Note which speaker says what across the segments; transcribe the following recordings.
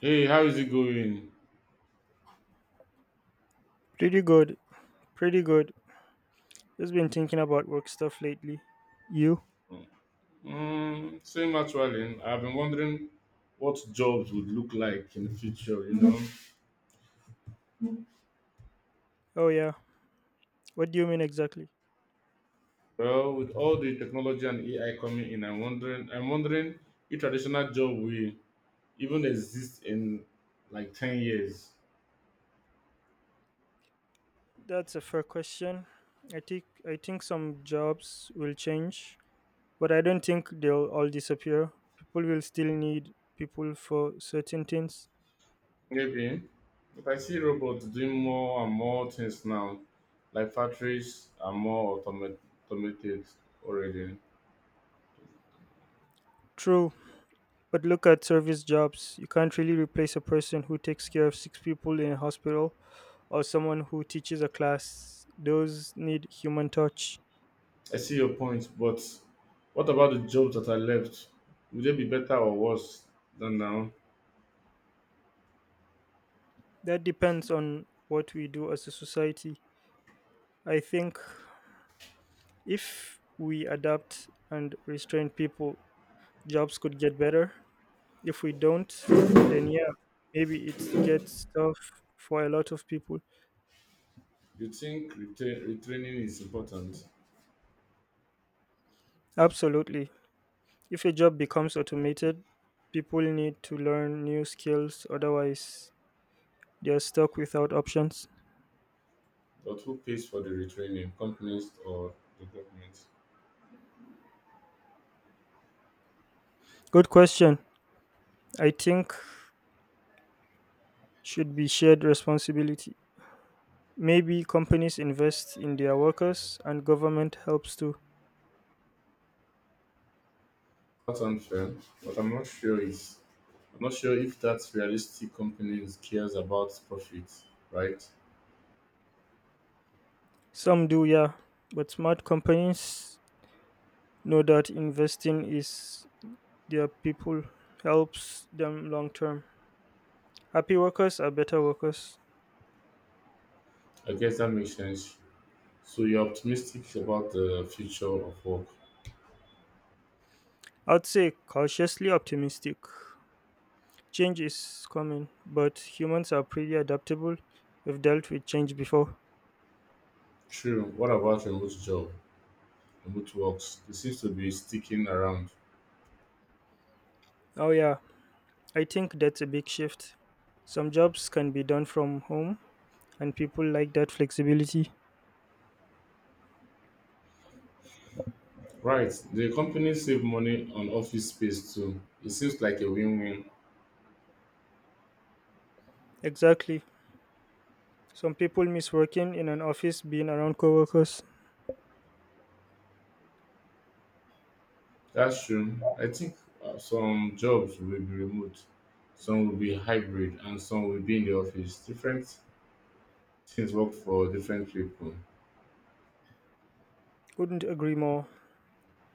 Speaker 1: Hey, how is it going?
Speaker 2: Pretty good. Pretty good. Just been thinking about work stuff lately. You?
Speaker 1: Mm, same actually. I've been wondering what jobs would look like in the future, you know.
Speaker 2: Oh yeah. What do you mean exactly?
Speaker 1: Well, with all the technology and AI coming in, I'm wondering if traditional job will even exist in like 10 years.
Speaker 2: That's a fair question. I think some jobs will change, but I don't think they'll all disappear. People will still need people for certain things.
Speaker 1: Maybe. But I see robots doing more and more things now. Like factories are more automated already.
Speaker 2: True, but look at service jobs. You can't really replace a person who takes care of six people in a hospital or someone who teaches a class. Those need human touch.
Speaker 1: I see your point, but what about the jobs that I left? Would they be better or worse than now?
Speaker 2: That depends on what we do as a society. I think if we adapt and restrain people, jobs could get better. If we don't, then yeah, maybe it gets tough for a lot of people.
Speaker 1: You think retraining is important,
Speaker 2: Absolutely. If a job becomes automated, people need to learn new skills, otherwise, they are stuck without options.
Speaker 1: but who pays for the retraining? Companies or the government?
Speaker 2: Good question. I think should be shared responsibility. Maybe companies invest in their workers and government helps too.
Speaker 1: That's unfair, but I'm not sure if that's realistic companies cares about profit, right?
Speaker 2: Some do, yeah, but smart companies know that investing is their people helps them long term. Happy workers are better workers.
Speaker 1: I guess that makes sense. So you're optimistic about the future of work.
Speaker 2: I'd say cautiously optimistic. Change is coming, but humans are pretty adaptable. We've dealt with change before.
Speaker 1: True. What about remote job? Remote works. It seems to be sticking around.
Speaker 2: Oh, yeah, I think that's a big shift. Some jobs can be done from home, and people like that flexibility.
Speaker 1: Right. The company save money on office space too. It seems like a win-win.
Speaker 2: Exactly. Some people miss working in an office, being around coworkers.
Speaker 1: That's true. I think some jobs will be remote, some will be hybrid, and some will be in the office. Different things work for different people.
Speaker 2: Couldn't agree more.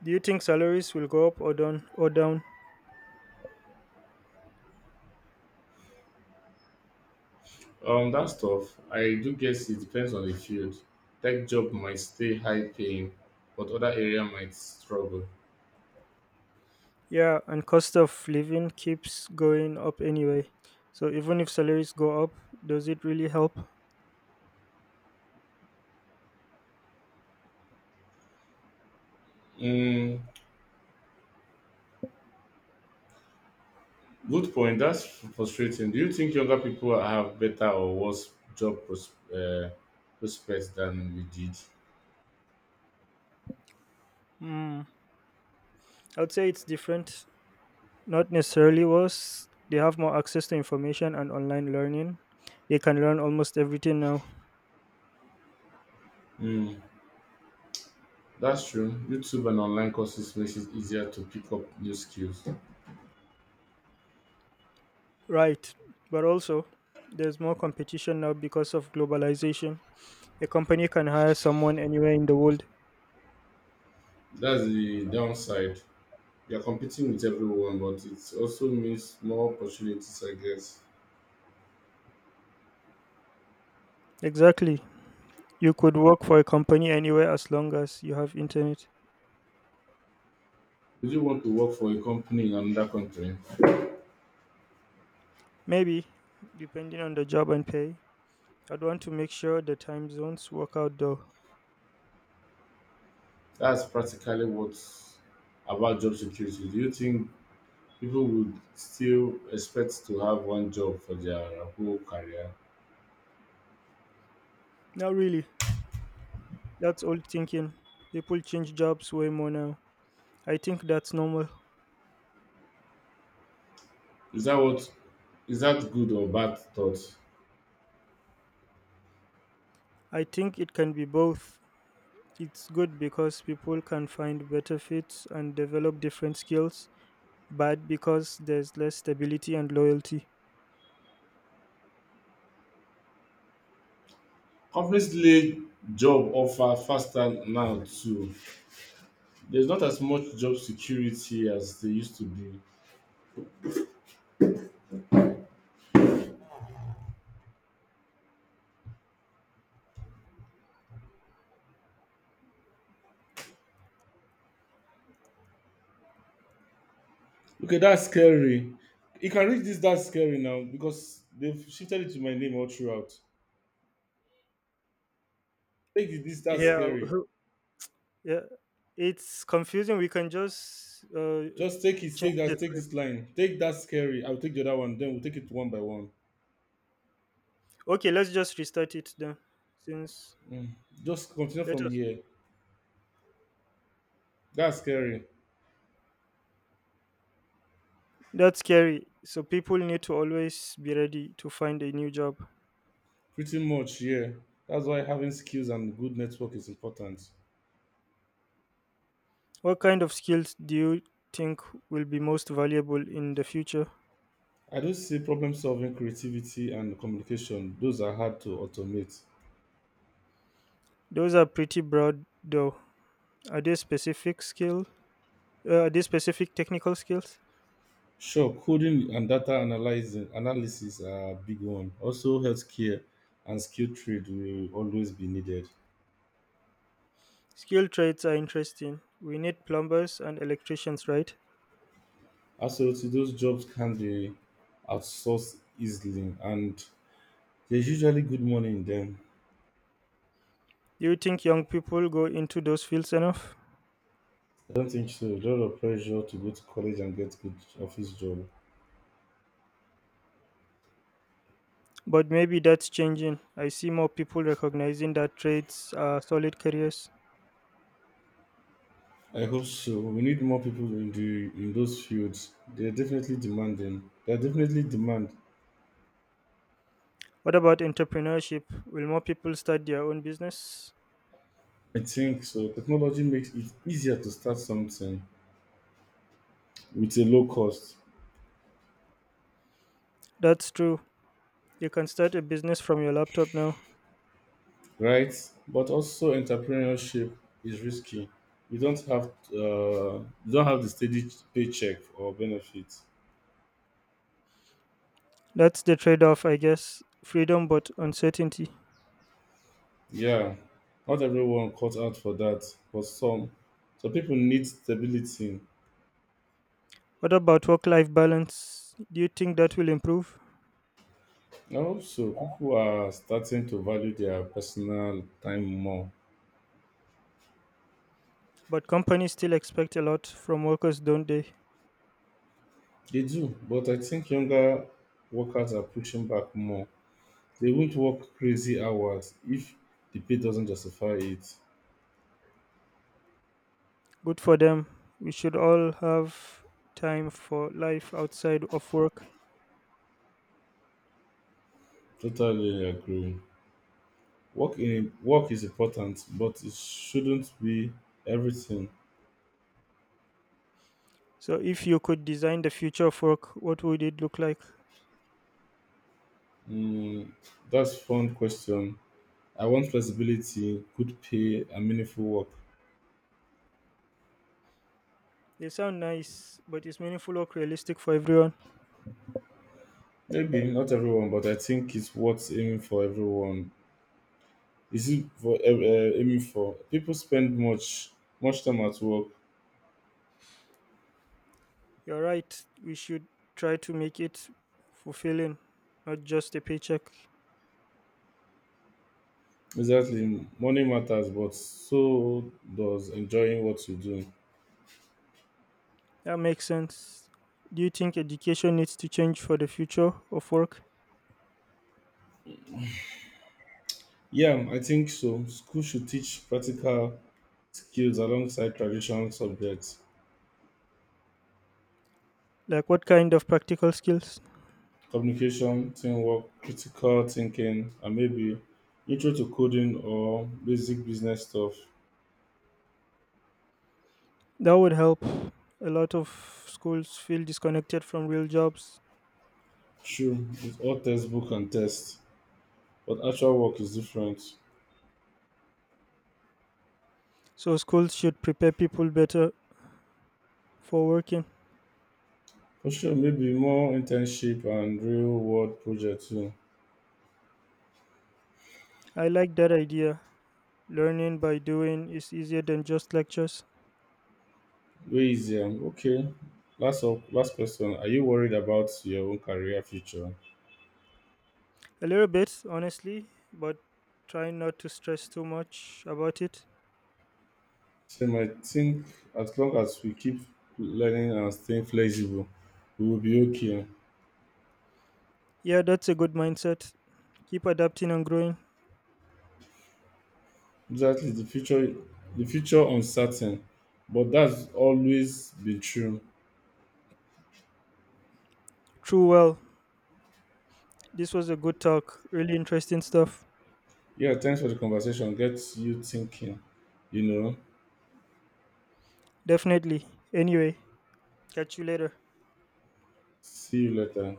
Speaker 2: Do you think salaries will go up or down?
Speaker 1: That stuff, I do guess it depends on the field. Tech job might stay high paying, but other area might struggle.
Speaker 2: Yeah, and cost of living keeps going up anyway. So even if salaries go up, does it really help?
Speaker 1: Mm, good point. That's frustrating. Do you think younger people have better or worse prospects than we did?
Speaker 2: Hmm. I'd say it's different. Not necessarily worse. They have more access to information and online learning. They can learn almost everything now.
Speaker 1: Mm, that's true. YouTube and online courses makes it easier to pick up new skills.
Speaker 2: Right. But also, there's more competition now because of globalization. A company can hire someone anywhere in the world.
Speaker 1: That's the downside. You're competing with everyone, but it also means more opportunities, I guess.
Speaker 2: Exactly. You could work for a company anywhere as long as you have internet.
Speaker 1: Would you want to work for a company in another country?
Speaker 2: Maybe, depending on the job and pay. I'd want to make sure the time zones work out though.
Speaker 1: That's practically what's about job security. Do you think people would still expect to have one job for their whole career.
Speaker 2: Not really. That's old thinking. People change jobs way more now. I think that's normal.
Speaker 1: Is that good or bad thought?
Speaker 2: I think it can be both. It's good because people can find better fits and develop different skills, bad because there's less stability and loyalty.
Speaker 1: Companies lay job offer faster now too. There's not as much job security as they used to be. Okay, that's scary. You can read this that's scary now because they've shifted it to my name all throughout. Take it, this that's
Speaker 2: Yeah,
Speaker 1: scary.
Speaker 2: yeah, it's confusing. We can just
Speaker 1: Just take it, take
Speaker 2: change the
Speaker 1: that, take
Speaker 2: script.
Speaker 1: this line. Take that scary. I'll take the other one, then we'll take it one by one.
Speaker 2: Okay, let's just restart it then. Since
Speaker 1: Mm. Just continue
Speaker 2: let
Speaker 1: from
Speaker 2: us,
Speaker 1: here. That's scary.
Speaker 2: that's scary. So people need to always be ready to find a new job.
Speaker 1: Pretty much, yeah. That's why having skills and good network is important.
Speaker 2: What kind of skills do you think will be most valuable in the future?
Speaker 1: I do see problem solving, creativity, and communication. Those are hard to automate.
Speaker 2: Those are pretty broad, though. Are they specific skill? Are they specific technical skills?
Speaker 1: Sure, coding and data analyzing analysis are a big one. Also, healthcare and skilled trade will always be needed.
Speaker 2: Skill trades are interesting. We need plumbers and electricians, right?
Speaker 1: Absolutely, those jobs can be outsourced easily, and there's usually good money in them.
Speaker 2: Do you think young people go into those fields enough?
Speaker 1: I don't think so. A lot of pressure to go to college and get good office job.
Speaker 2: But maybe that's changing. I see more people recognizing that trades are solid careers.
Speaker 1: I hope so. We need more people in those fields. They're definitely demanding. They're definitely demand.
Speaker 2: What about entrepreneurship? Will more people start their own business?
Speaker 1: I think so. Technology makes it easier to start something with a low cost,
Speaker 2: That's true. You can start a business from your laptop now.
Speaker 1: right? But also entrepreneurship is risky. You don't have uh, you don't have the steady paycheck or benefits.
Speaker 2: That's the trade off, I guess. Freedom but uncertainty.
Speaker 1: Yeah, not everyone cut out for that, but some. So people need stability.
Speaker 2: What about work life balance? Do you think that will improve?
Speaker 1: And also, people are starting to value their personal time more.
Speaker 2: But companies still expect a lot from workers, don't they?
Speaker 1: They do, but I think younger workers are pushing back more. They won't work crazy hours if the pay doesn't justify it.
Speaker 2: Good for them. We should all have time for life outside of work.
Speaker 1: Totally agree. Work in work is important, but it shouldn't be everything.
Speaker 2: So, if you could design the future of work, what would it look like?
Speaker 1: Mm, that's fun question. I want flexibility, good pay, and meaningful work.
Speaker 2: They sound nice, but is meaningful work realistic for everyone?
Speaker 1: Maybe not everyone, but I think it's worth aiming for everyone. Is it for aiming for people spend much time at work.
Speaker 2: You're right. We should try to make it fulfilling, not just a paycheck.
Speaker 1: Exactly. Money matters, but so does enjoying what you do.
Speaker 2: That makes sense. Do you think education needs to change for the future of work?
Speaker 1: Yeah, I think so. School should teach practical skills alongside traditional subjects,
Speaker 2: Like, what kind of practical skills?
Speaker 1: communication, teamwork, critical thinking, and maybe intro to coding or basic business stuff.
Speaker 2: That would help. A lot of schools feel disconnected from real jobs,
Speaker 1: Sure, it's all textbook and test, but actual work is different.
Speaker 2: so schools should prepare people better for working.
Speaker 1: For sure, maybe more internship and real world projects too.
Speaker 2: I like that idea. Learning by doing is easier than just lectures.
Speaker 1: Louisiana. Okay. Last up, last question. Are you worried about your own career future?
Speaker 2: A little bit, honestly, but try not to stress too much about it.
Speaker 1: Same, I think as long as we keep learning and staying flexible, we will be okay.
Speaker 2: Yeah, that's a good mindset. Keep adapting and growing.
Speaker 1: Exactly. The future uncertain. But that's always been true.
Speaker 2: True well. This was a good talk. Really interesting stuff.
Speaker 1: Yeah, thanks for the conversation. Gets you thinking, you know.
Speaker 2: Definitely. Anyway, catch you later.
Speaker 1: See you later.